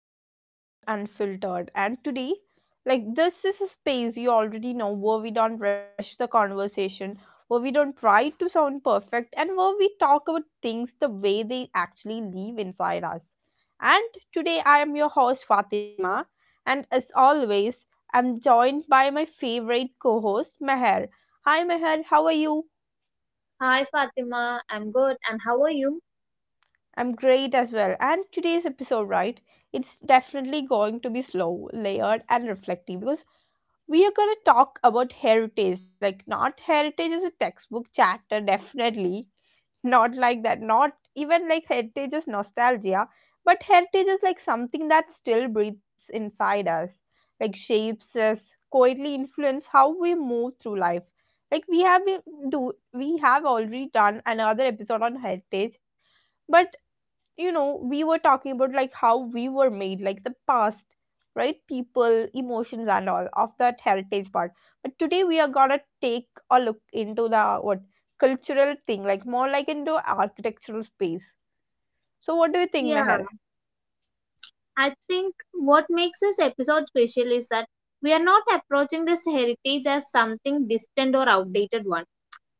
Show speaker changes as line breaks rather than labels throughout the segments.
back to Kissins Unfiltered. And today, like this is a space you already know where we don't rush the conversation, where we don't try to sound perfect, and where we talk about things the way they actually live inside us. And today I am your host Fatima, and as always, I'm joined by my favorite co-host Meher. Hi Meher, how are you?
Hi Fatima, I'm good and how are you?
I'm great as well. And today's episode, right? It's definitely going to be slow, layered, and reflective because we are going to talk about heritage. Like, not heritage is a textbook chapter, definitely. Not like that. Not even like heritage is nostalgia, but heritage is like something that still breathes inside us, like shapes us, quietly influence how we move through life. Like we do we have already done another episode on heritage, but we were talking about like how we were made, like the past, right? People, emotions, and all of that heritage part. But today we are gonna take a look into the what cultural thing, like more like into architectural space. So what do you think,
Yeah,
Meher?
I think what makes this episode special is that we are not approaching this heritage as something distant or outdated one.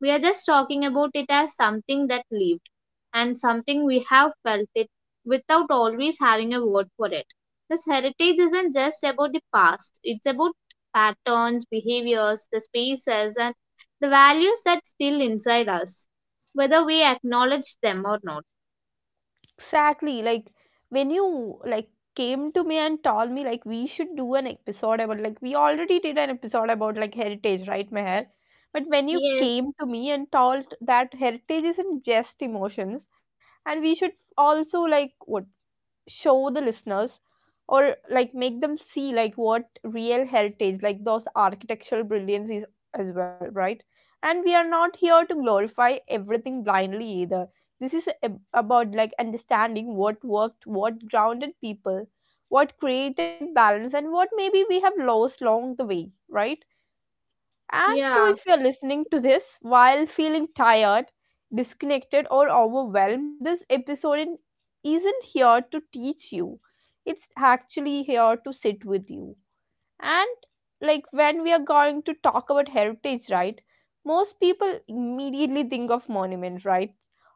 We are just talking about it as something that lived and something we have felt it without always having a word for it. This heritage isn't just about the past, it's about patterns, behaviors, the spaces, and the values that still inside us, whether we acknowledge them or not.
Exactly. Like when you like came to me and told me like we should do an episode about, like we already did an episode about like heritage, right, Meher? But when you
Yes,
came to me and told that heritage isn't just emotions, and we should also like what show the listeners, or like make them see like what real heritage, like those architectural brilliance is as well, right? And we are not here to glorify everything blindly either. This is about like understanding what worked, what grounded people, what created balance, and what maybe we have lost along the way, right? And so,
yeah,
if you're listening to this while feeling tired, disconnected, or overwhelmed, this episode isn't here to teach you. It's actually here to sit with you. And like when we are going to talk about heritage, right? Most people immediately think of monuments, right?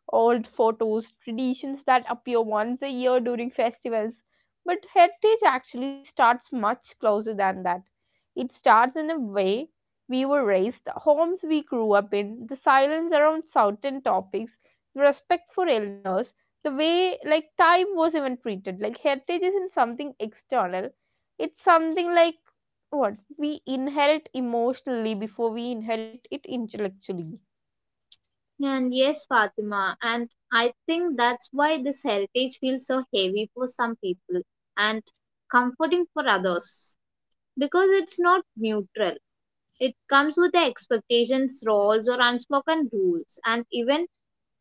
Old photos, traditions that appear once a year during festivals. But heritage actually starts much closer than that. It starts in the way we were raised, the homes we grew up in, the silence around certain topics, the respect for elders, the way like time was even treated. Like heritage isn't something external. It's something like what we inherit emotionally before we inherit it intellectually.
and yes, Fatima, and I think that's why this heritage feels so heavy for some people and comforting for others because it's not neutral. It comes with the expectations, roles, or unspoken rules, and even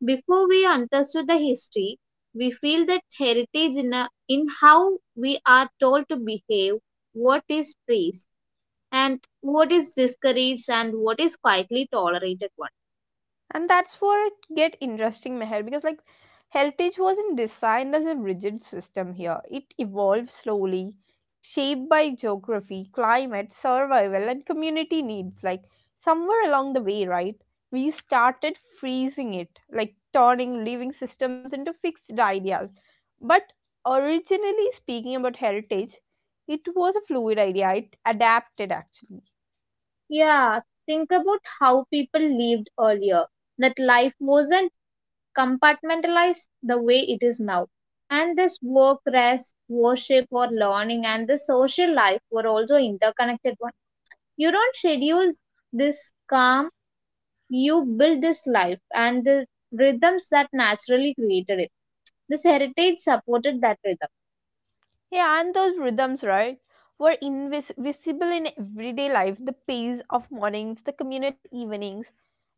before we understood the history, we feel that heritage in how we are told to behave, what is praised, and what is discouraged, and what is quietly tolerated.
And that's where it get interesting, Meher, because like heritage wasn't designed as a rigid system here. It evolved slowly, shaped by geography, climate, survival, and community needs. Like somewhere along the way, right, we started freezing it, like turning living systems into fixed ideas. But originally speaking about heritage, it was a fluid idea. It adapted, actually.
Yeah, think about how people lived earlier. That life wasn't compartmentalized the way it is now. And this work, rest, worship, or learning, and the social life were also interconnected one. You don't schedule this calm, you build this life and the rhythms that naturally created it. This heritage supported that rhythm.
Yeah, and those rhythms, right, were invisible in everyday life. The pace of mornings, the communal evenings,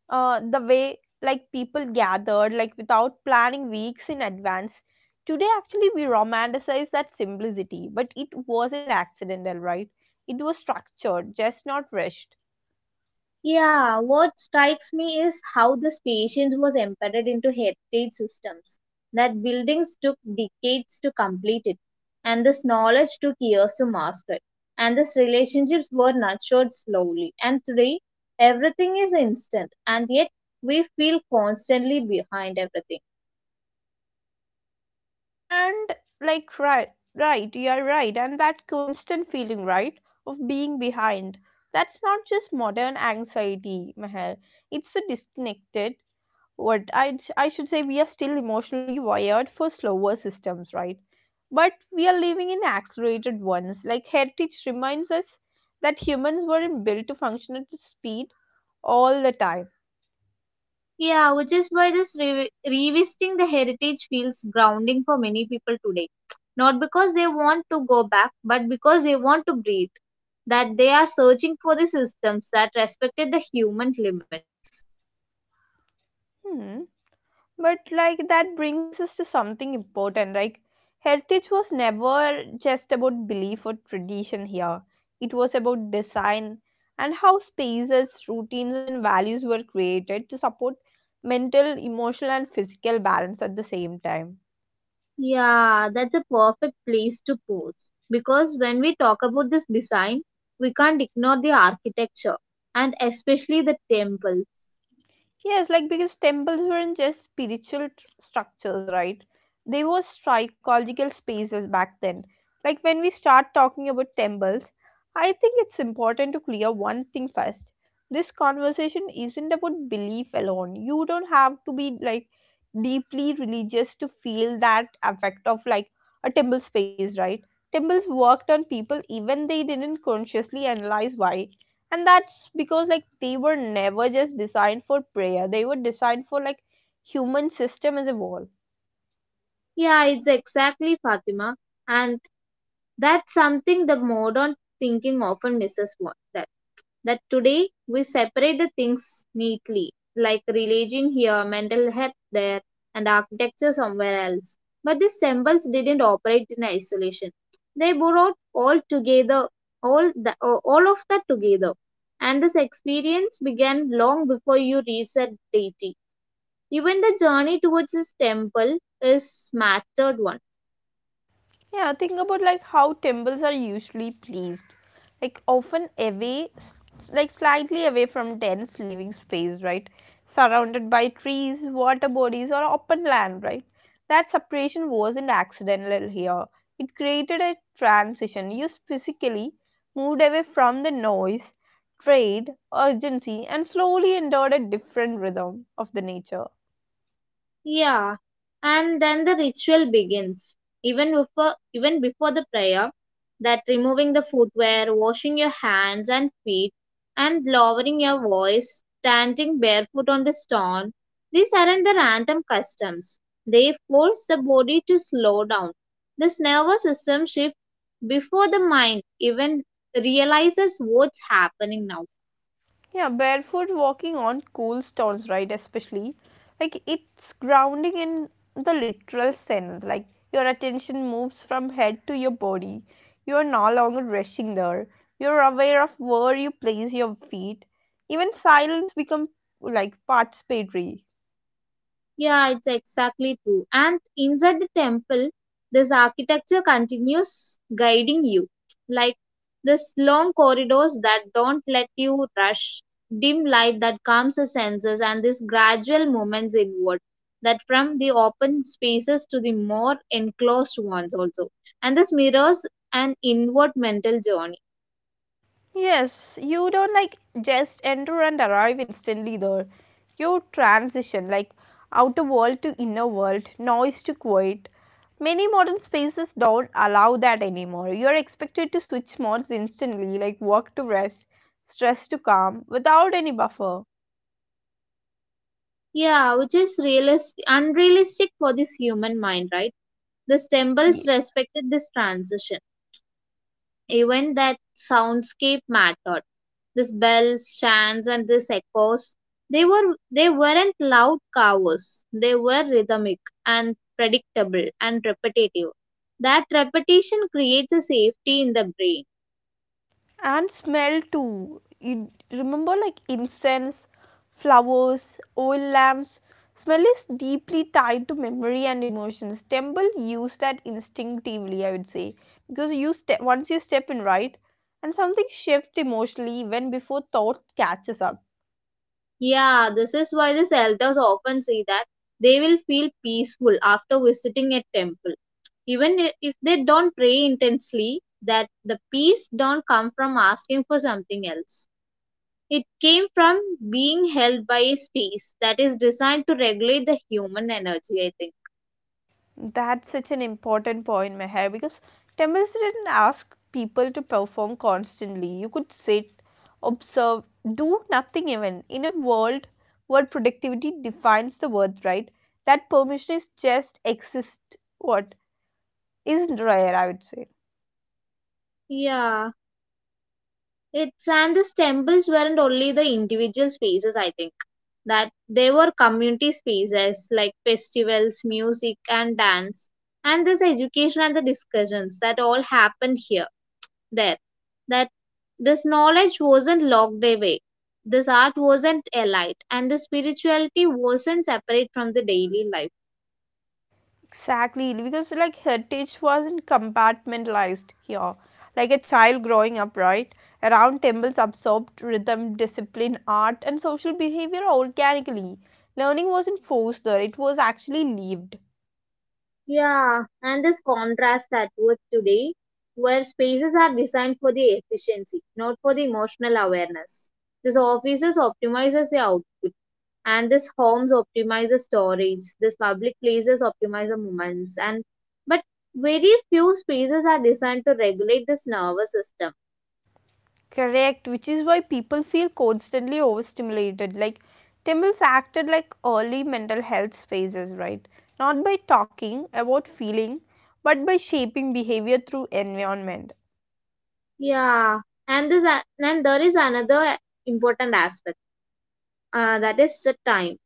the way like people gathered, like without planning weeks in advance. Today, actually, we romanticize that simplicity, but it wasn't accidental, right? It was structured, just not rushed.
Yeah, what strikes me is how this patience was embedded into heritage systems, that buildings took decades to complete it, and this knowledge took years to master it, and these relationships were nurtured slowly. And today, everything is instant, and yet we feel constantly behind everything.
And like, right, right you are right. And that constant feeling, right, of being behind, that's not just modern anxiety, Meher. It's a disconnected, what, I should say we are still emotionally wired for slower systems, right? But we are living in accelerated ones. Like heritage reminds us that humans weren't built to function at the speed all the time.
Yeah, which is why this revisiting the heritage feels grounding for many people today. Not because they want to go back, but because they want to breathe. That they are searching for the systems that respected the human limits.
Hmm. But like that brings us to something important. Like heritage was never just about belief or tradition here. It was about design and how spaces, routines, and values were created to support mental, emotional, and physical balance at the same time.
Yeah, that's a perfect place to pause. Because when we talk about this design, we can't ignore the architecture and especially the temples.
Yes, like because temples weren't just spiritual structures, right? They were psychological spaces back then. Like when we start talking about temples, I think it's important to clear one thing first. This conversation isn't about belief alone. You don't have to be like deeply religious to feel that effect of like a temple space, right? Temples worked on people even they didn't consciously analyze why. And that's because like they were never just designed for prayer. They were designed for like human system as a whole.
Yeah, it's exactly Fatima. And that's something the modern thinking often misses, what, that that today we separate the things neatly, like religion here, mental health there, and architecture somewhere else. But these temples didn't operate in isolation. They brought all together, all of that together, and this experience began long before you reached that deity. Even the journey towards this temple is mattered one.
Yeah, think about like how temples are usually placed, like often away, like slightly away from dense living space, right? Surrounded by trees, water bodies, or open land, right? That separation wasn't accidental here. It created a transition. You physically moved away from the noise, trade, urgency, and slowly entered a different rhythm of the nature.
Yeah, and then the ritual begins. Even before the prayer, that removing the footwear, washing your hands and feet, and lowering your voice, standing barefoot on the stone, these aren't the random customs. They force the body to slow down. This nervous system shifts before the mind even realizes what's happening now.
Yeah, barefoot walking on cool stones, right? Especially, like it's grounding in the literal sense. Like your attention moves from head to your body. You are no longer rushing there. You're aware of where you place your feet. Even silence becomes like participatory.
Yeah, it's exactly true. And inside the temple, this architecture continues guiding you, like this long corridors that don't let you rush, dim light that calms the senses, and these gradual movements inward, that from the open spaces to the more enclosed ones also, and this mirrors an inward mental journey.
Yes, you don't like just enter and arrive instantly there. You transition like outer world to inner world, noise to quiet. Many modern spaces don't allow that anymore. You are expected to switch modes instantly, like work to rest, stress to calm, without any buffer.
Yeah, which is realistic, unrealistic for this human mind, right? These temples respected this transition. Even that soundscape mattered. This bell stands and this echoes. They weren't loud covers. They were rhythmic and predictable and repetitive. That repetition creates a safety in the brain.
And smell too. You remember like incense, flowers, oil lamps. Smell is deeply tied to memory and emotions. Temple use that instinctively, I would say, because you once you step in, right, and something shifts emotionally when before thought catches up.
Yeah, this is why these elders often say that they will feel peaceful after visiting a temple. Even if they don't pray intensely, that the peace don't come from asking for something else. It came from being held by a space that is designed to regulate the human energy, I think.
That's such an important point, Meher, because temples didn't ask people to perform constantly. You could sit, observe, do nothing even. In a world where productivity defines the worth, right? That permission is just exist what is rare, I would say.
Yeah, it's and these temples weren't only the individual spaces, I think, that they were community spaces like festivals, music, and dance, and this education and the discussions that all happened here, there. That this knowledge wasn't locked away, this art wasn't elite, and the spirituality wasn't separate from the daily life.
Exactly, because like heritage wasn't compartmentalized here. Like a child growing up, right, around temples absorbed rhythm, discipline, art, and social behavior organically. Learning wasn't forced there, it was actually lived.
Yeah, and this contrasts that with today, where spaces are designed for the efficiency, not for the emotional awareness. This offices optimizes the output, and this homes optimizes storage. This public places optimize the moments, and but very few spaces are designed to regulate this nervous system.
Correct, which is why people feel constantly overstimulated. Like temples acted like early mental health spaces, right? Not by talking about feeling, but by shaping behavior through environment.
Yeah, and there is another important aspect, that is the time.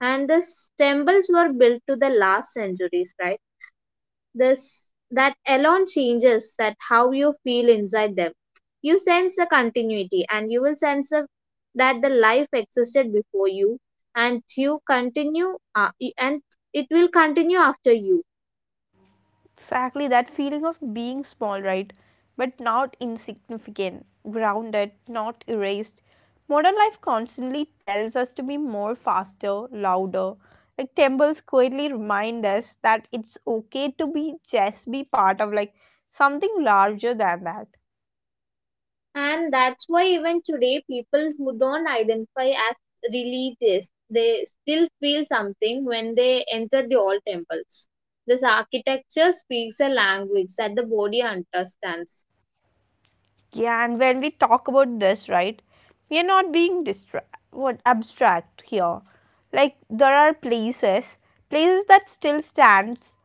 And the temples were built to the last centuries, right? This, that alone changes that how you feel inside them. You sense the continuity and you will sense that the life existed before you and you continue, and it will continue after you.
Exactly that feeling of being small, right? But not insignificant, grounded, not erased. Modern life constantly tells us to be more faster, louder. Like temples quietly remind us that it's okay to be just be part of like something larger than that.
And that's why even today people who don't identify as religious, they still feel something when they enter the old temples. This architecture speaks a language that the body understands.
Yeah, and when we talk about this, right, we are not being what abstract here. Like there are places, places that still stands,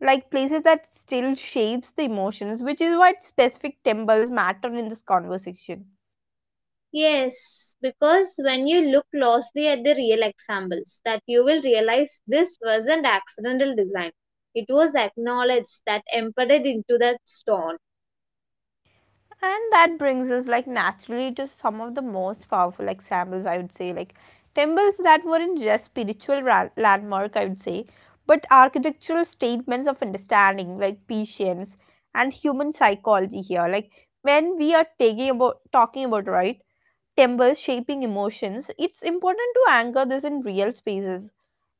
like places that still shapes the emotions, which is why specific temples matter in this conversation.
Yes, because when you look closely at the real examples, that you will realize this wasn't accidental design. It was acknowledged that embedded into that stone.
And that brings us like naturally to some of the most powerful examples, I would say, like temples that weren't just spiritual landmark, I would say, but architectural statements of understanding, like patience and human psychology here. Like when we are taking about talking about, right, temples shaping emotions, it's important to anchor this in real spaces,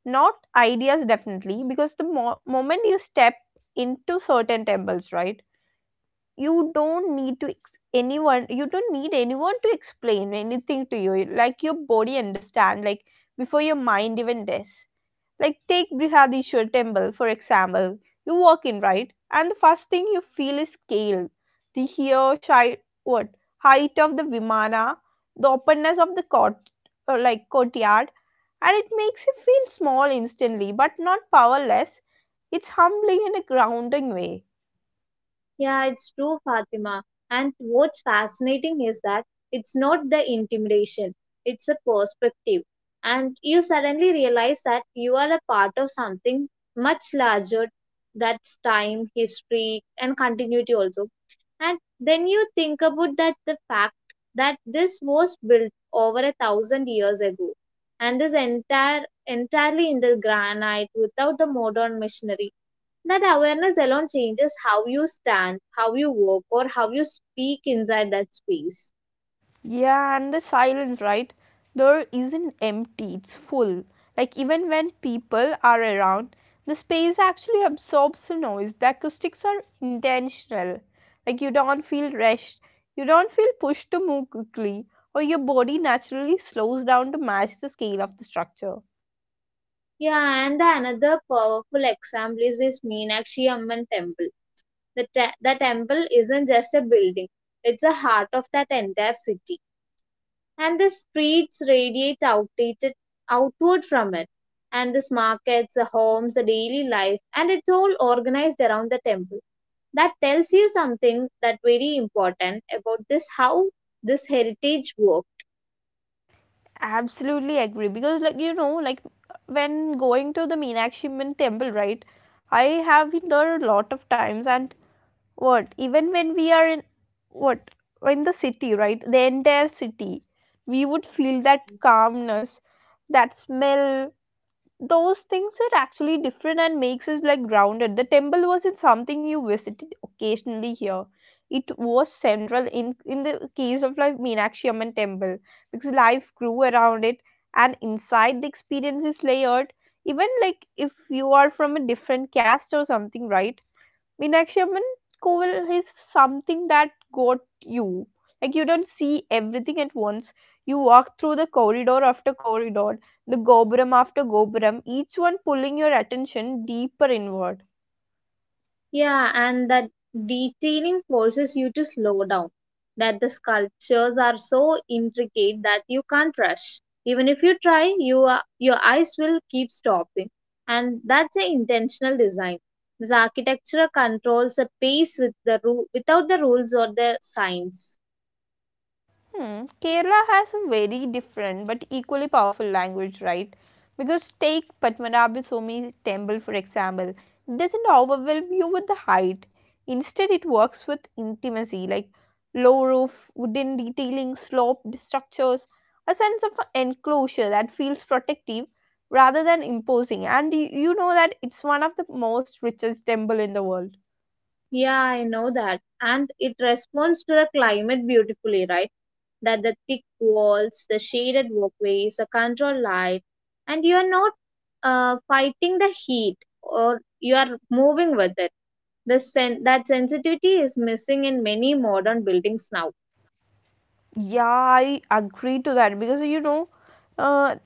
not ideas, definitely, because the moment you step into certain temples, right? You don't need to ex- anyone, you don't need anyone to explain anything to you, like your body understand like before your mind even does. Like take Brihadishwar temple for example. You walk in, right, and the first thing you feel is scale, the here shy, what, height of the vimana, the openness of the court, or like courtyard, and it makes you feel small instantly, but not powerless. It's humbling in a grounding way.
Yeah, it's true, Fatima. And what's fascinating is that it's not the intimidation, it's a perspective. And you suddenly realize that you are a part of something much larger, that's time, history, and continuity also. And then you think about that the fact that this was built over a thousand years ago and this entirely in the granite without the modern machinery. That awareness alone changes how you stand, how you walk, or how you speak inside that space.
Yeah, and the silence, right? There isn't empty, it's full. Like, even when people are around, the space actually absorbs the noise. The acoustics are intentional. Like, you don't feel rushed, you don't feel pushed to move quickly, or your body naturally slows down to match the scale of the structure.
Yeah and the another powerful example is this Meenakshi Amman temple. The temple isn't just a building, it's the heart of that entire city. And the streets radiate outdated outward from it. And this markets, the homes, the daily life, and it's all organized around the temple. That tells you something that very important about this, how this heritage worked.
Absolutely agree, because, like, like, when going to the Meenakshi Amman temple, right? I have been there a lot of times, and what even when we are in, what, in the city, right, the entire city, we would feel that calmness, that smell, those things are actually different and makes us like grounded. The temple wasn't something you visited occasionally here. It was central, in the case of like Meenakshi Amman temple, because life grew around it. And inside, the experience is layered. Even like if you are from a different caste or something, right, Meenakshi Amman Koval is something that got you. Like you don't see everything at once. You walk through the corridor after corridor, the goburam after goburam, each one pulling your attention deeper inward.
Yeah, and that detailing forces you to slow down. That the sculptures are so intricate that you can't rush. Even if you try, your eyes will keep stopping. And that's an intentional design. This architecture controls a pace with the without the rules or the signs.
Hmm. Kerala has a very different but equally powerful language, right? Because take Padmanabhaswamy temple for example, it doesn't overwhelm you with the height. Instead, it works with intimacy, like low roof, wooden detailing, sloped structures, a sense of enclosure that feels protective rather than imposing. And you know that it's one of the most richest temple in the world.
Yeah, I know that. And it responds to the climate beautifully, right? That the thick walls, the shaded walkways, the control light, and you are not fighting the heat or you are moving with it. The that sensitivity is missing in many modern buildings now.
Yeah, I agree to that because uh,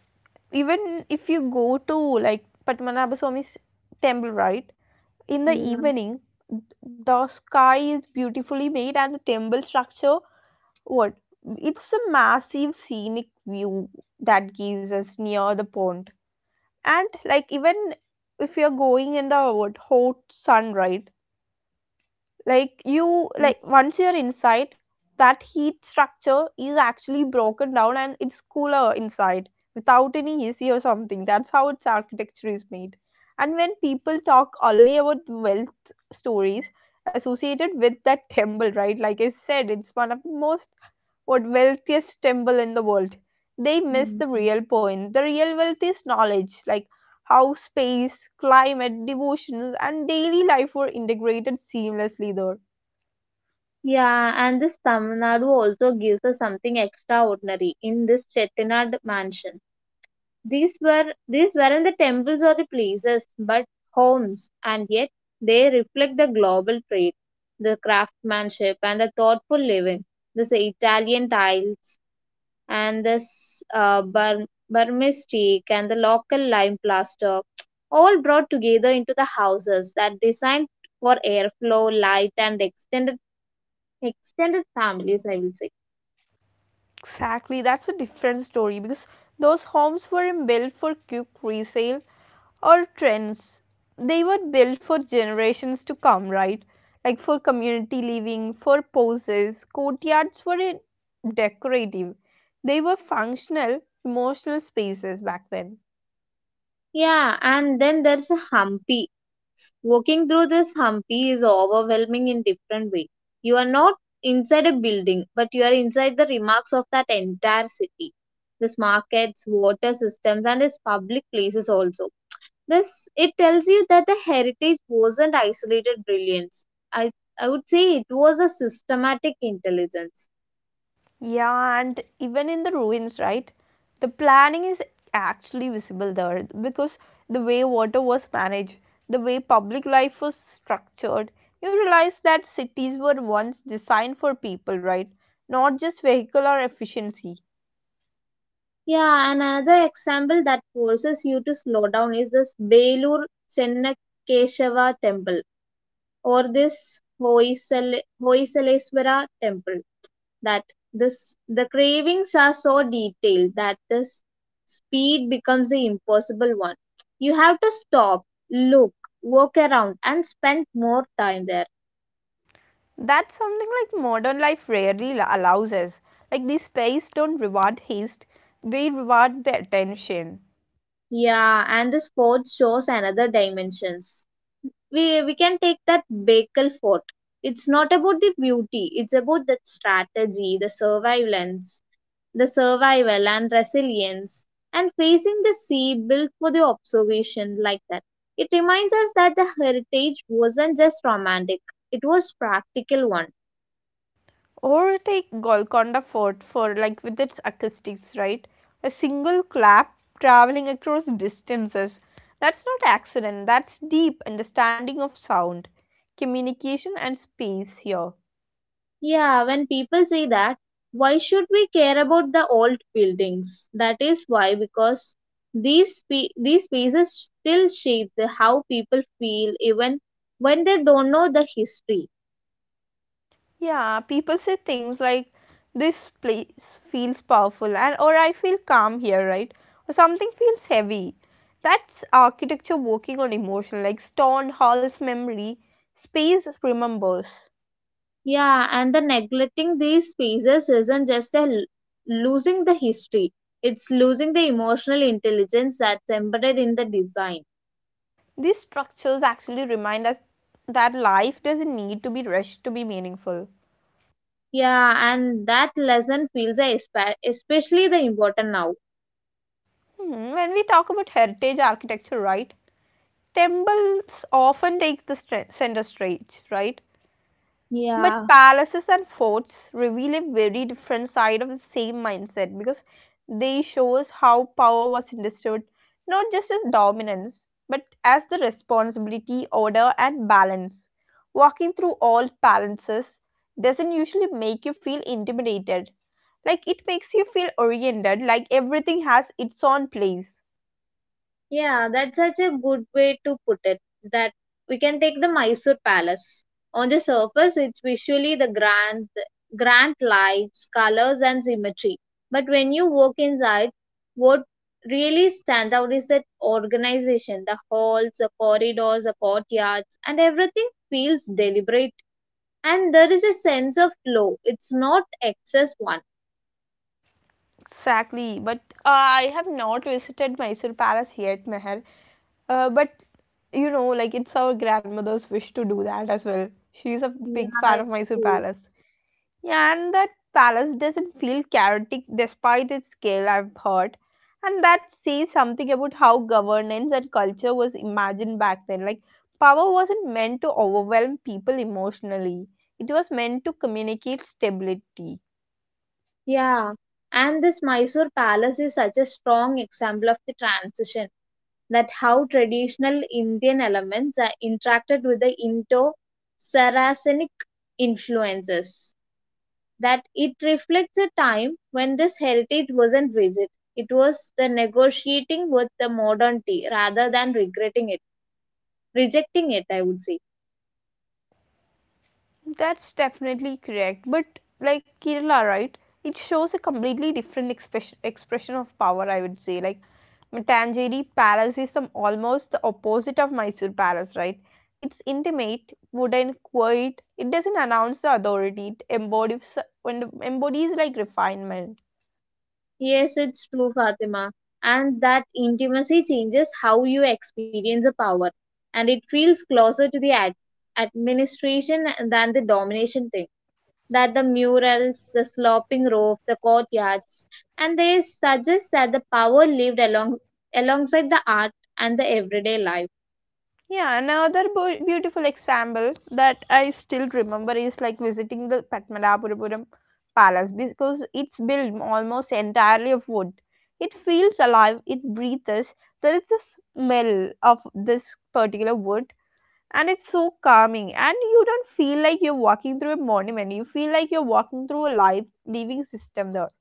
even if you go to like Padmanabha Swami's temple, right? In the
Yeah.
evening, the sky is beautifully made and the temple structure, what? It's a massive scenic view that gives us near the pond. And like even if you're going in the what, hot sun, right? Like you like
Yes.
once you're inside that heat structure is actually broken down, and it's cooler inside without any AC or something. That's how its architecture is made. And when people talk only about wealth stories associated with that temple, right, like I said, it's one of the most what wealthiest temple in the world. They miss
Mm.
the real point. The real wealth is knowledge, like how space, climate, devotions, and daily life were integrated seamlessly there.
Yeah, and this Tamil Nadu also gives us something extraordinary in this Chettinad mansion. These weren't the temples or the places, but homes, and yet they reflect the global trade, the craftsmanship, and the thoughtful living. This Italian tiles and this Burmese teak and the local lime plaster, all brought together into the houses that designed for airflow, light, and extended families. I will say.
Exactly, that's a different story because those homes weren't built for quick resale or trends. They were built for generations to come, right? Like for community living, for poses, decorative. They were functional, emotional spaces back then.
Yeah, and then there's a Hampi. Walking through this Hampi is overwhelming in different way. You are not inside a building, but you are inside the remarks of that entire city. This markets, water systems, and its public places also. This it tells you that the heritage wasn't isolated brilliance. I I would say it was a systematic intelligence.
Yeah, and even in the ruins, right? The planning is actually visible there because the way water was managed, the way public life was structured, you realize that cities were once designed for people, right? Not just vehicle or efficiency.
Yeah, and another example that forces you to slow down is this Belur Chennakeshava temple or this Hoysaleswara temple, that this the cravings are so detailed that this speed becomes the impossible one. You have to stop, look, walk around and spend more time there.
That's something like modern life allows us. Like these space don't reward haste, they reward the attention.
Yeah, and the fort shows another dimensions. We can take that Bakel fort. It's not about the beauty, it's about the strategy, the surveillance, the survival and resilience, and facing the sea built for the observation like that. It reminds us that the heritage wasn't just romantic, it was practical one.
Or take Golconda Fort for like with its acoustics, right? A single clap traveling across distances. That's not accident, that's deep understanding of sound, communication and space here.
Yeah, when people say that, why should we care about the old buildings? That is why, because these spaces still shape the how people feel even when they don't know the history.
Yeah, people say things like this place feels powerful and or I feel calm here, right? Or something feels heavy. That's architecture working on emotion, like Stone Hall's memory, space remembers.
Yeah, and the neglecting these spaces isn't just a losing the history, it's losing the emotional intelligence that's embedded in the design.
These structures actually remind us that life doesn't need to be rushed to be meaningful.
Yeah, and that lesson feels a especially the important now.
When we talk about heritage architecture, right, temples often take the center stage, right? But
Yeah.
palaces and forts reveal a very different side of the same mindset because they show us how power was understood, not just as dominance but as the responsibility, order, and balance. Walking through all palaces doesn't usually make you feel intimidated, like it makes you feel oriented, like everything has its own place.
Yeah, that's such a good way to put it. That we can take the Mysore Palace. On the surface, it's visually grand lights, colors, and symmetry. But when you walk inside, what really stands out is that organization. The halls, the corridors, the courtyards, and everything feels deliberate. And there is a sense of flow. It's not excess one.
Exactly, but I have not visited Mysore Palace yet, Meher. But you know, like it's our grandmother's wish to do that as well. She's a
Yeah,
big fan of
it's
Mysore
true.
Palace. Yeah, and that palace doesn't feel chaotic despite its scale, I've heard. And that says something about how governance and culture was imagined back then. Like, power wasn't meant to overwhelm people emotionally, it was meant to communicate stability.
Yeah, and this Mysore palace is such a strong example of the transition, that how traditional Indian elements are interacted with the Indo Saracenic influences. That it reflects a time when this heritage wasn't rigid, it was the negotiating with the modernity rather than rejecting it, I would say.
That's definitely correct. But like Kerala, right? It shows a completely different expression of power. I would say like Matanjeri Palace is some almost the opposite of Mysore Palace, right? It's intimate, wooden, quiet. It doesn't announce the authority. It embodies and embodies like refinement.
Yes, it's true, Fatima. And that intimacy changes how you experience the power, and it feels closer to the administration than the domination thing. That the murals, the sloping roof, the courtyards, and they suggest that the power lived alongside the art and the everyday life.
Yeah, another beautiful example that I still remember is like visiting the Padmanabhapuram Palace because it's built almost entirely of wood. It feels alive, it breathes. There is the smell of this particular wood, and it's so calming. And you don't feel like you're walking through a monument, you feel like you're walking through a live living system there.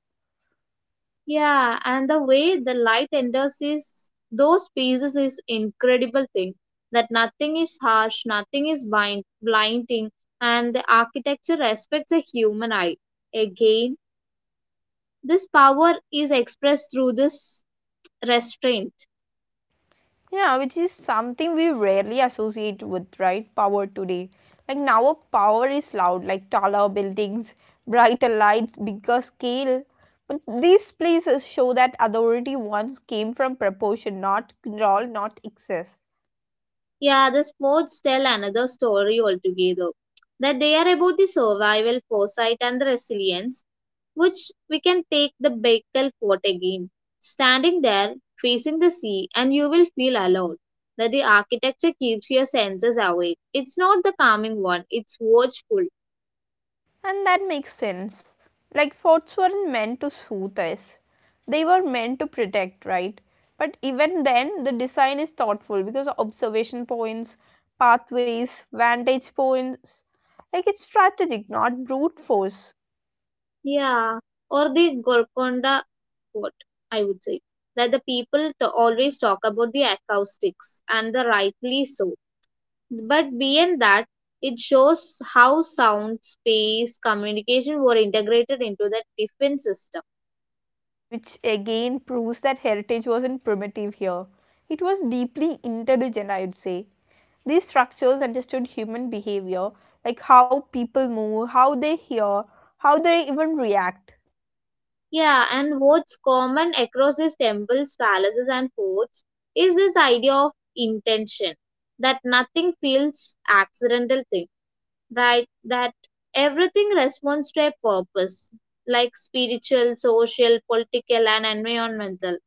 Yeah, and the way the light enters is those pieces is incredible thing. That nothing is harsh, nothing is blinding, and the architecture respects the human eye. Again, this power is expressed through this restraint.
Yeah, which is something we rarely associate with, right? Power today. Like now, our power is loud, like taller buildings, brighter lights, bigger scale. But these places show that authority once came from proportion, not control, not excess.
Yeah, the sports tell another story altogether. That they are about the survival, foresight, and the resilience which we can take the Baikal fort again. Standing there, facing the sea, and you will feel alone. That the architecture keeps your senses awake. It's not the calming one, it's watchful.
And that makes sense. Like forts weren't meant to soothe us. They were meant to protect, right? But even then the design is thoughtful because observation points, pathways, vantage points, like it's strategic, not brute force,
Yeah. Or the Golconda fort, I would say. That the people to always talk about the acoustics, and the rightly so. But beyond that, it shows how sound, space, communication were integrated into the different system.
which again proves that heritage wasn't primitive here. It was deeply intelligent, I would say. These structures understood human behavior, like how people move, how they hear, how they even react.
Yeah, and what's common across these temples, palaces, and forts is this idea of intention that nothing feels accidental thing, right? That everything responds to a purpose, like spiritual, social, political, and environmental.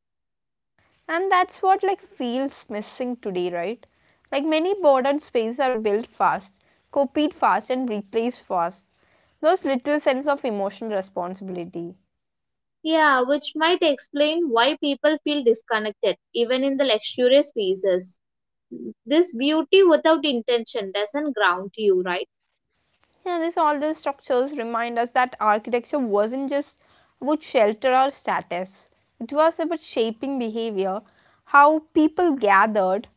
And that's what like feels missing today, right? Like many modern spaces are built fast, copied fast and replaced fast, those little sense of emotional responsibility.
Yeah, which might explain why people feel disconnected, even in the luxurious spaces. This beauty without intention doesn't ground you, right?
Yeah, this all these structures remind us that architecture wasn't just about shelter or status, it was about shaping behavior, how people gathered,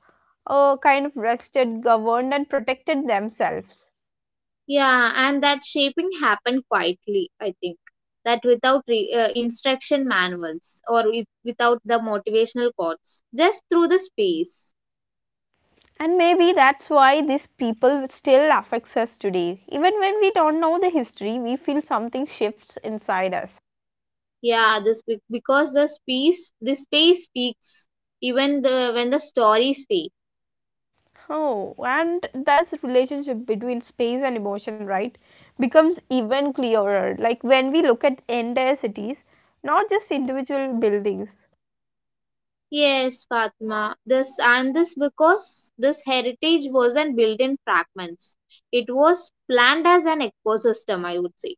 kind of rested, governed and protected themselves.
Yeah, and that shaping happened quietly, I think. That without instruction manuals or without the motivational quotes, just through the space.
And maybe that's why these people still affects us today. Even when we don't know the history, we feel something shifts inside us.
Yeah, because the space speaks even the when the stories fade.
Oh, and that's relationship between space and emotion, right? Becomes even clearer. Like when we look at entire cities, not just individual buildings.
Yes, Fatima. This because this heritage wasn't built in fragments. It was planned as an ecosystem, I would say.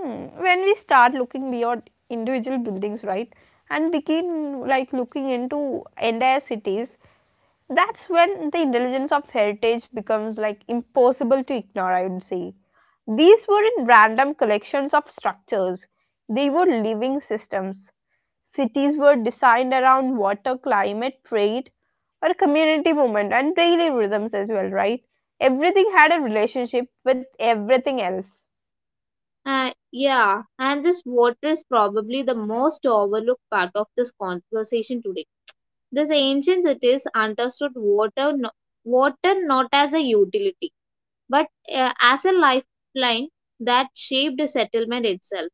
Hmm. When we start looking beyond individual buildings, right? And begin like looking into entire cities, that's when the intelligence of heritage becomes like impossible to ignore, I would say. These weren't random collections of structures, they were living systems. Cities were designed around water, climate, trade, or community movement and daily rhythms as well, right? Everything had a relationship with everything else.
Yeah, and this water is probably the most overlooked part of this conversation today. These ancient cities understood water, no, water not as a utility, but as a lifeline that shaped the settlement itself.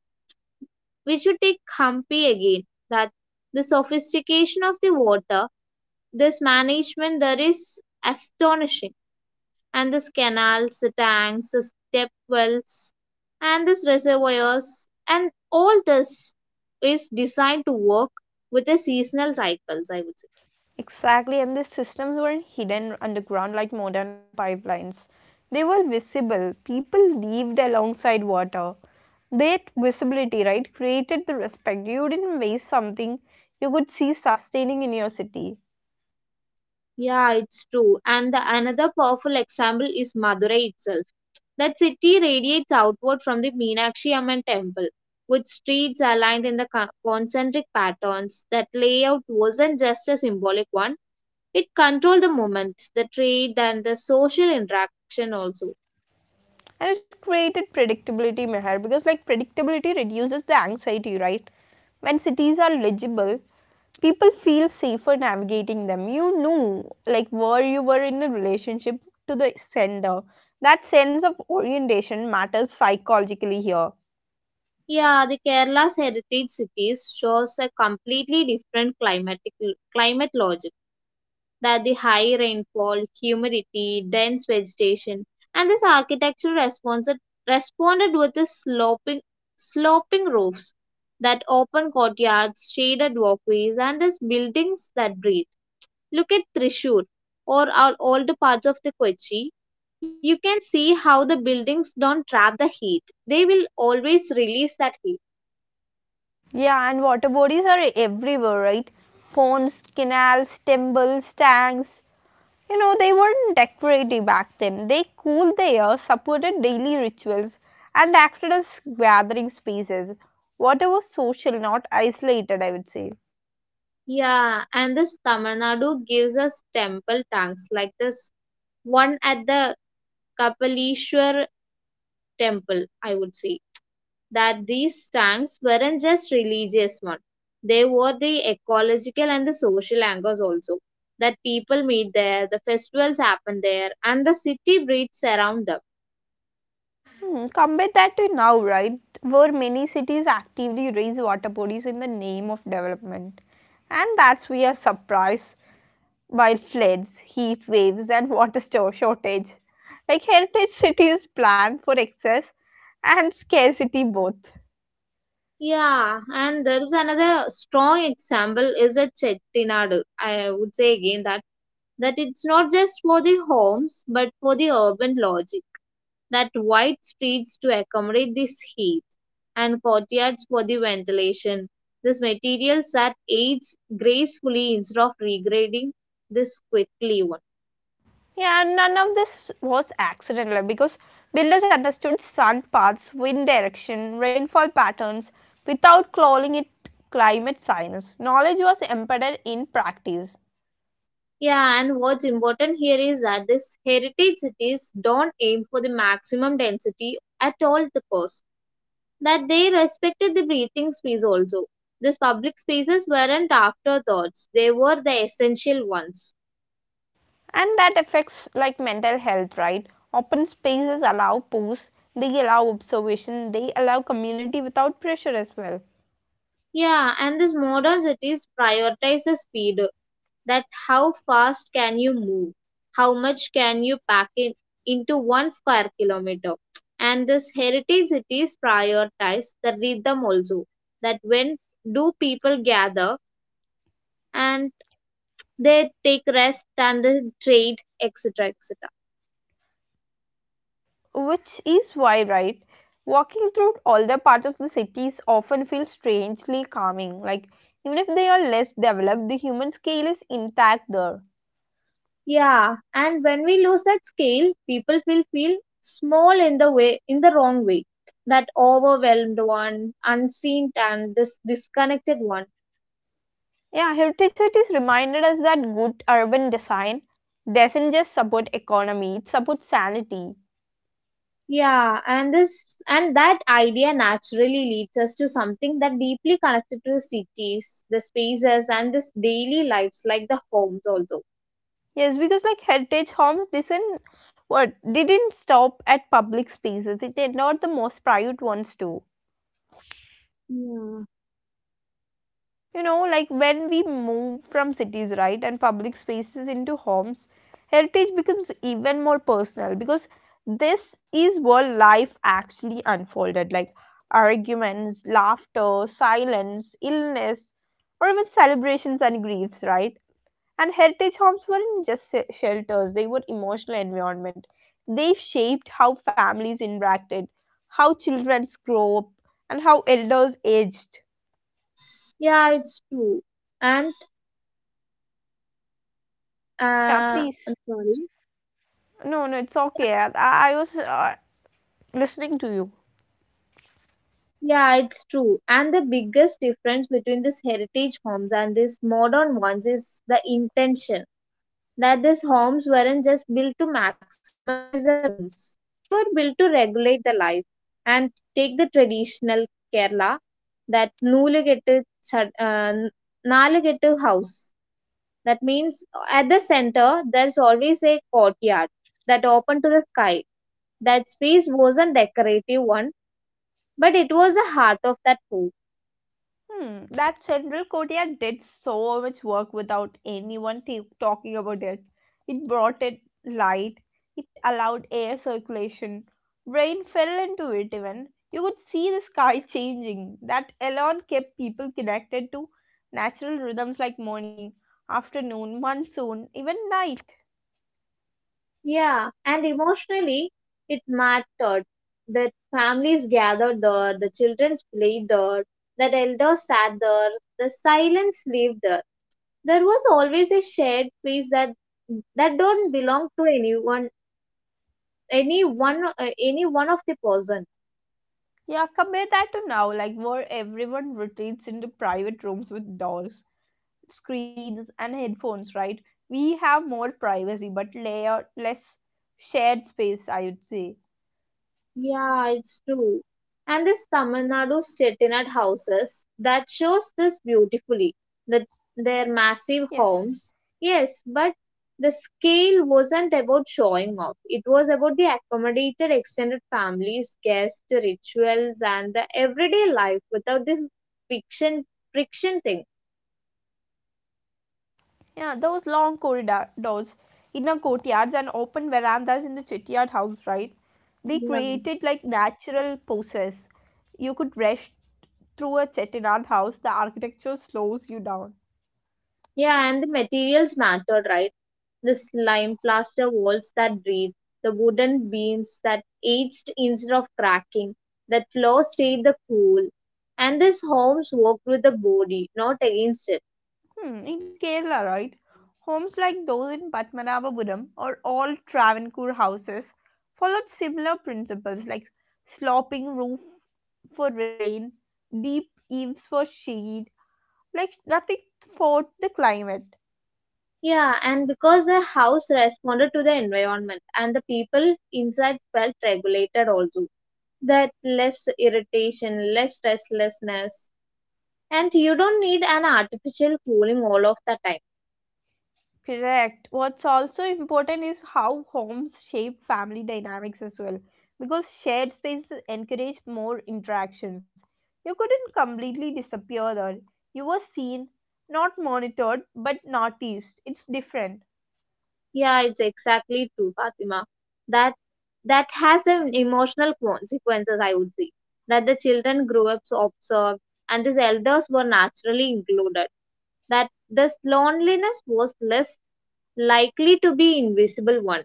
We should take Hampi again. That the sophistication of the water, this management, there is astonishing, and this canals, the tanks, the step wells, and these reservoirs, and all this is designed to work with the seasonal cycles, I would say.
Exactly, and these systems weren't hidden underground like modern pipelines. They were visible. People lived alongside water. That visibility, right, created the respect. You didn't waste something you could see sustaining in your city.
Yeah, it's true. And the another powerful example is Madurai itself. That city radiates outward from the Meenakshi Amman temple, with streets aligned in the concentric patterns. That layout wasn't just a symbolic one, it controlled the movement, the trade, and the social interaction also.
And it created predictability, Meher, because like predictability reduces the anxiety, right? When cities are legible, people feel safer navigating them. You knew like where you were in a relationship to the sender. That sense of orientation matters psychologically here.
Yeah, the Kerala's heritage cities shows a completely different climatic climate logic that the high rainfall, humidity, dense vegetation, and this architecture responded with the sloping roofs that open courtyards, shaded walkways, and these buildings that breathe. Look at Trishur or our older parts of the Kochi. You can see how the buildings don't trap the heat. They will always release that heat.
Yeah, and water bodies are everywhere, right? Ponds, canals, temples, tanks, you know, they weren't decorative back then. They cooled the air, supported daily rituals and acted as gathering spaces. Water was social, not isolated, I would say.
Yeah, and this Tamil Nadu gives us temple tanks like this one at the Kapalishwar temple, I would say. That these tanks weren't just religious one. They were the ecological and the social anchors also. That people meet there, the festivals happen there, and the city breathes around them.
Hmm, compare that to now, right, where many cities actively raise water bodies in the name of development. And that's we are surprised by floods, heat waves, and water store shortage. Like heritage cities plan for excess and scarcity both.
Yeah, and there is another strong example is the Chettinad. I would say again that it's not just for the homes but for the urban logic, that wide streets to accommodate this heat and courtyards for the ventilation. This materials that aids gracefully instead of regrading this quickly one.
Yeah, and none of this was accidental because builders understood sun paths, wind direction, rainfall patterns without calling it climate science. Knowledge was embedded in practice.
Yeah, and what's important here is that this heritage cities don't aim for the maximum density at all the cost. That they respected the breathing space also. These public spaces weren't afterthoughts, they were the essential ones.
And that affects like mental health, right? Open spaces allow pause, they allow observation, they allow community without pressure as well.
Yeah, and these modern cities prioritize the speed. That how fast can you move? How much can you pack in into one square kilometer? And these heritage cities prioritize the rhythm also. That when do people gather and they take rest and they trade, etc. etc.
Which is why, right, walking through all the parts of the cities often feels strangely calming, like even if they are less developed, the human scale is intact there.
Yeah, and when we lose that scale, people will feel small in the way in the wrong way. That overwhelmed one, unseen and this disconnected one.
Yeah, heritage cities reminded us that good urban design doesn't just support economy, it supports sanity.
Yeah, and that idea naturally leads us to something that deeply connected to the cities, the spaces and this daily lives like the homes also.
Yes, because like heritage homes didn't what didn't stop at public spaces. It did not the most private ones too.
Yeah.
You know, like when we move from cities, right, and public spaces into homes, heritage becomes even more personal because this is where life actually unfolded, like arguments, laughter, silence, illness, or even celebrations and griefs, right? And heritage homes weren't just shelters, they were emotional environment. They shaped how families interacted, how children grew up, and how elders aged.
Yeah, it's true. And
Yeah,
uh
please.
sorry.
No, no, it's okay. I was listening to you.
Yeah, it's true. And the biggest difference between these heritage homes and these modern ones is the intention. That these homes weren't just built to maximize the rooms, they were built to regulate the life. And take the traditional Kerala, that നൂലുകെട്ട് ചട്- uh, n- house. That means at the center, there's always a courtyard that open to the sky. That space wasn't decorative one but it was the heart of that food.
Hmm, that Central Korea did so much work without anyone talking about it. It brought it light, it allowed air circulation. Rain fell into it even. You could see the sky changing. That alone kept people connected to natural rhythms like morning, afternoon, monsoon, even night.
Yeah, and emotionally, it mattered. That families gathered there, the children played there, that elders sat there, the silence lived there. There was always a shared space that don't belong to anyone, any one of the person.
Yeah, compare that to now, like where everyone retreats into private rooms with doors, screens and headphones, right? We have more privacy but layer less shared space, I would say.
Yeah, it's true. And this Tamil Nadu Chettinad houses that shows this
Yes.
beautifully. That their massive homes. Yes, but the scale wasn't about showing off. It was about the accommodated extended families, guests, rituals, and the everyday life without the friction friction thing.
Yeah, those long corridors, inner courtyards and open verandas in the chittyard house, right? They created
Yeah.
like natural poses. You could rush through a chettinad house, the architecture slows you down.
Yeah, and the materials mattered, right? The slime plaster walls that breathe, the wooden beams that aged instead of cracking, that floor stayed the cool. And these homes worked with the body, not against it.
Hmm, in Kerala, right? Homes like those in Padmanabhapuram or all Travancore houses followed similar principles like sloping roof for rain, deep eaves for shade, like nothing fought the climate.
Yeah, and because the house responded to the environment and the people inside felt regulated also. That less irritation, less restlessness. And you don't need an artificial cooling all of the time.
Correct. What's also important is how homes shape family dynamics as well, because shared spaces encourage more interactions. You couldn't completely disappear there. You were seen, not monitored, but noticed. It's different.
Yeah, it's exactly true, Fatima. That that has an emotional consequences, I would say. That the children grew up so observed, and these elders were naturally included. That this loneliness was less likely to be invisible one.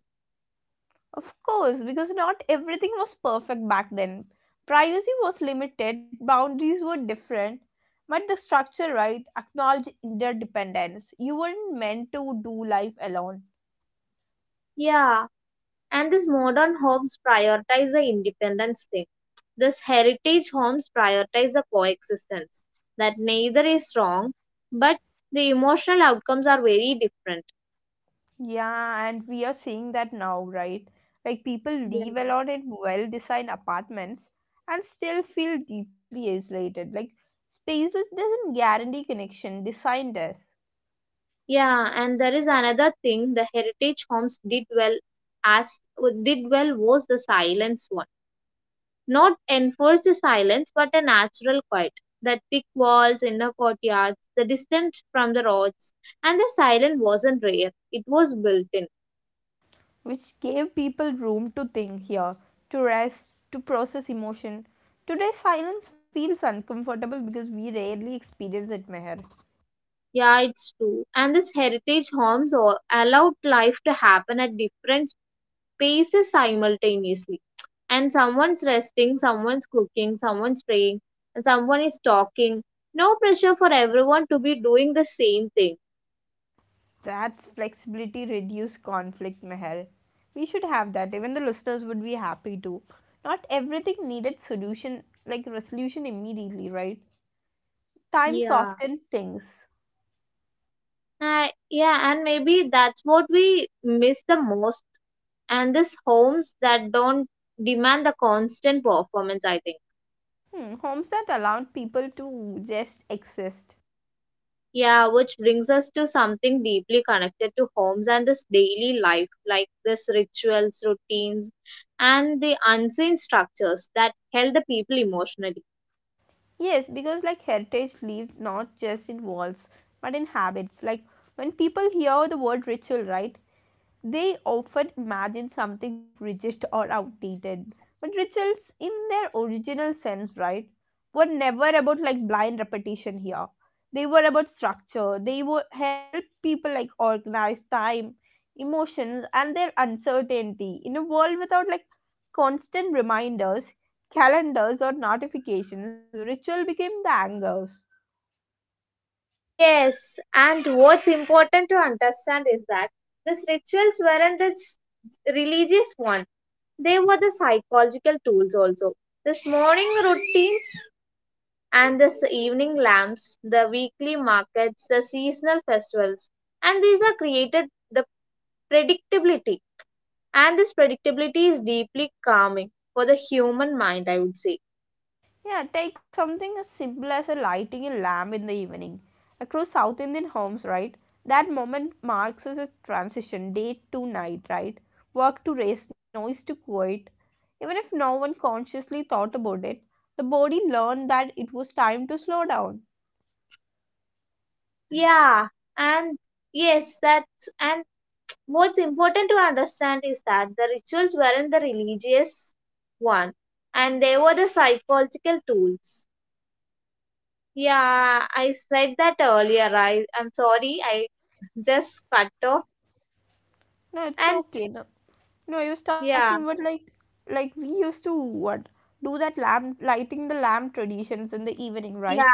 Of course, because not everything was perfect back then. Privacy was limited, boundaries were different, but the structure, right, acknowledged interdependence. You weren't meant to do life alone.
Yeah, and these modern homes prioritize the independence thing. This heritage homes prioritize the coexistence. That neither is wrong, but the emotional outcomes are very different.
Yeah, and we are seeing that now, right? Like people
Yeah.
live a lot in well-designed apartments and still feel deeply isolated. Like spaces doesn't guarantee connection, design does,
Yeah, and there is another thing the heritage homes as did well was the silence one. Not enforce the silence, but a natural quiet. The thick walls, inner courtyards, the distance from the roads, and the silence wasn't rare. It was built in.
which gave people room to think here, to rest, to process emotion. Today, silence feels uncomfortable because we rarely experience it, Meher.
Yeah, it's true. And this heritage homes allowed life to happen at different paces simultaneously, and someone's resting, someone's cooking, someone's praying, and someone is talking, no pressure for everyone to be doing the same thing.
That's flexibility, reduce conflict, Meher. We should have that. Even the listeners would be happy to. Not everything needed solution, like resolution immediately, right? Time
Yeah.
softened things.
Yeah, and maybe that's what we miss the most, and these homes that don't demand the constant performance, I think.
Hmm, homes that allowed people to just exist.
Yeah, which brings us to something deeply connected to homes and this daily life, like this rituals, routines, and the unseen structures that held the people emotionally.
Yes, because like heritage lived not just in walls, but in habits. Like when people hear the word ritual, right? They often imagine something rigid or outdated. But rituals, in their original sense, right, were never about like blind repetition here. They were about structure. They would help people like organize time, emotions, and their uncertainty. In a world without like constant reminders, calendars, or notifications, ritual became the anchors.
Yes, and what's important to understand is that these rituals weren't this religious one. They were the psychological tools also. This morning routines and this evening lamps, the weekly markets, the seasonal festivals, and these are created the predictability, and this predictability is deeply calming for the human mind, I would say.
Yeah, take something as simple as a lighting a lamp in the evening. Across South Indian homes, right? That moment marks as a transition, day to night, right? Work to rest, noise to quiet. Even if no one consciously thought about it, the body learned that it was time to slow down.
Yeah, and yes that's, and what's important to understand is that the rituals weren't the religious one, and they were the psychological tools. Yeah, I said that earlier. I i'm sorry i Just cut off.
No, it's
And
okay. No, no, I was
yeah.
talking about like we used to what do that lamp lighting the lamp traditions in the evening,
Yeah,
right?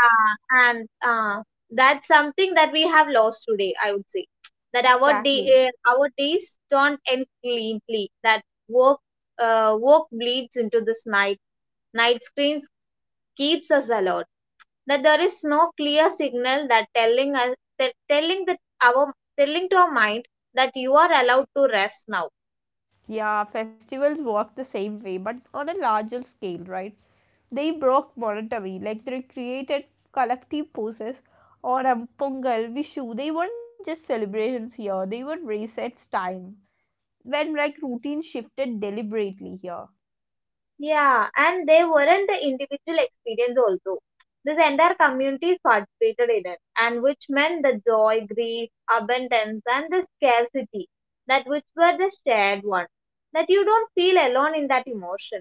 and that's something that we have lost today, I would say. That
Exactly.
our days don't end cleanly. That work, work bleeds into this night. Night screens keeps us alert. That there is no clear signal that telling that our, telling to our mind that you are allowed to rest now.
Yeah, festivals work the same way, but on a larger scale, right? They broke monotony, like they created collective poses. Or Pongal, Vishu, they weren't just celebrations here, they were resets time. When like routine shifted deliberately here.
Yeah, and they weren't the individual experience also. This entire community participated in it, and which meant the joy, grief, abundance, and the scarcity that which were the shared one. That you don't feel alone in that emotion.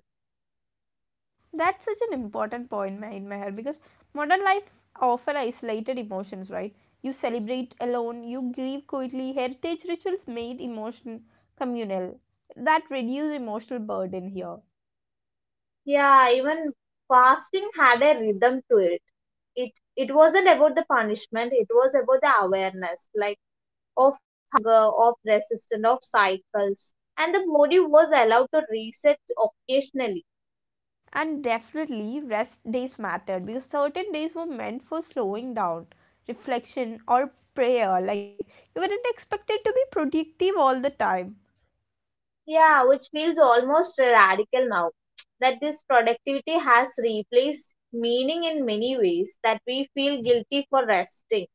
That's such an important point, Ma- in Meher, because modern life often isolated emotions, right? You celebrate alone, you grieve quietly. Heritage rituals made emotion communal, that reduced emotional burden here.
Yeah, even fasting had a rhythm to it. It it wasn't about the punishment. It was about the awareness, like of hunger, of resistance, of cycles, and the body was allowed to reset occasionally.
And definitely rest days mattered because certain days were meant for slowing down, reflection or prayer. Like you weren't expected to be productive all the time.
Yeah, which feels almost radical now. That this productivity has replaced meaning in many ways that we feel guilty for resting.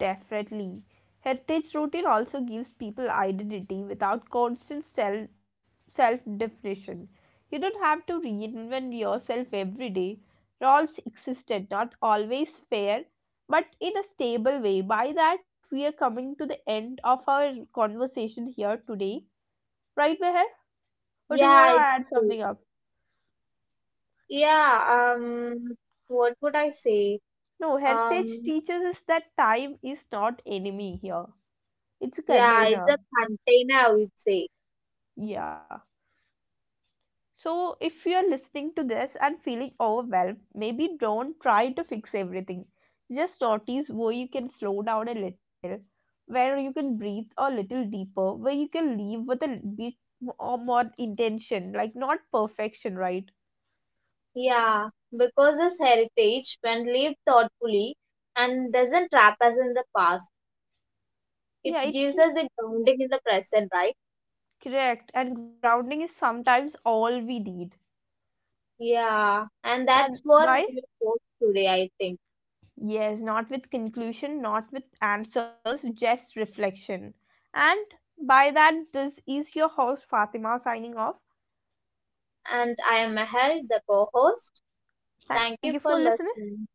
Definitely heritage routine also gives people identity without constant self definition. You don't have to reinvent yourself every day. Roles existed, not always fair, but in a stable way. By that, we are coming to the end of our conversation here today, right, Meher? Or do you want
Yeah,
to
it's
add
true.
something up?
Yeah, what would I say?
No, heritage
Um,
teaches us that time is not enemy here, it's a
yeah, it's
container.
a container, I would say.
Yeah, so if you are listening to this and feeling overwhelmed, maybe don't try to fix everything. Just notice where you can slow down a little, where you can breathe a little deeper, where you can leave with a bit or more intention, like not perfection, right?
Yeah, because this heritage, when lived thoughtfully and doesn't trap us in the past, it
Yeah, it
gives us
keeps
a grounding in the present, right?
correct, and grounding is sometimes all we need.
Yeah, and that's
And
what
why?
we post today, I think.
Yes, not with conclusion, not with answers, just reflection. And by that, this is your host Fatima signing off.
And I am Meher, the co host. Thank
Thank
you
you
for
for listening
listening.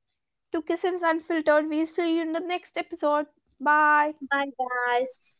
to Kissins Unfiltered. We'll see you in the next episode. Bye.
Bye, guys.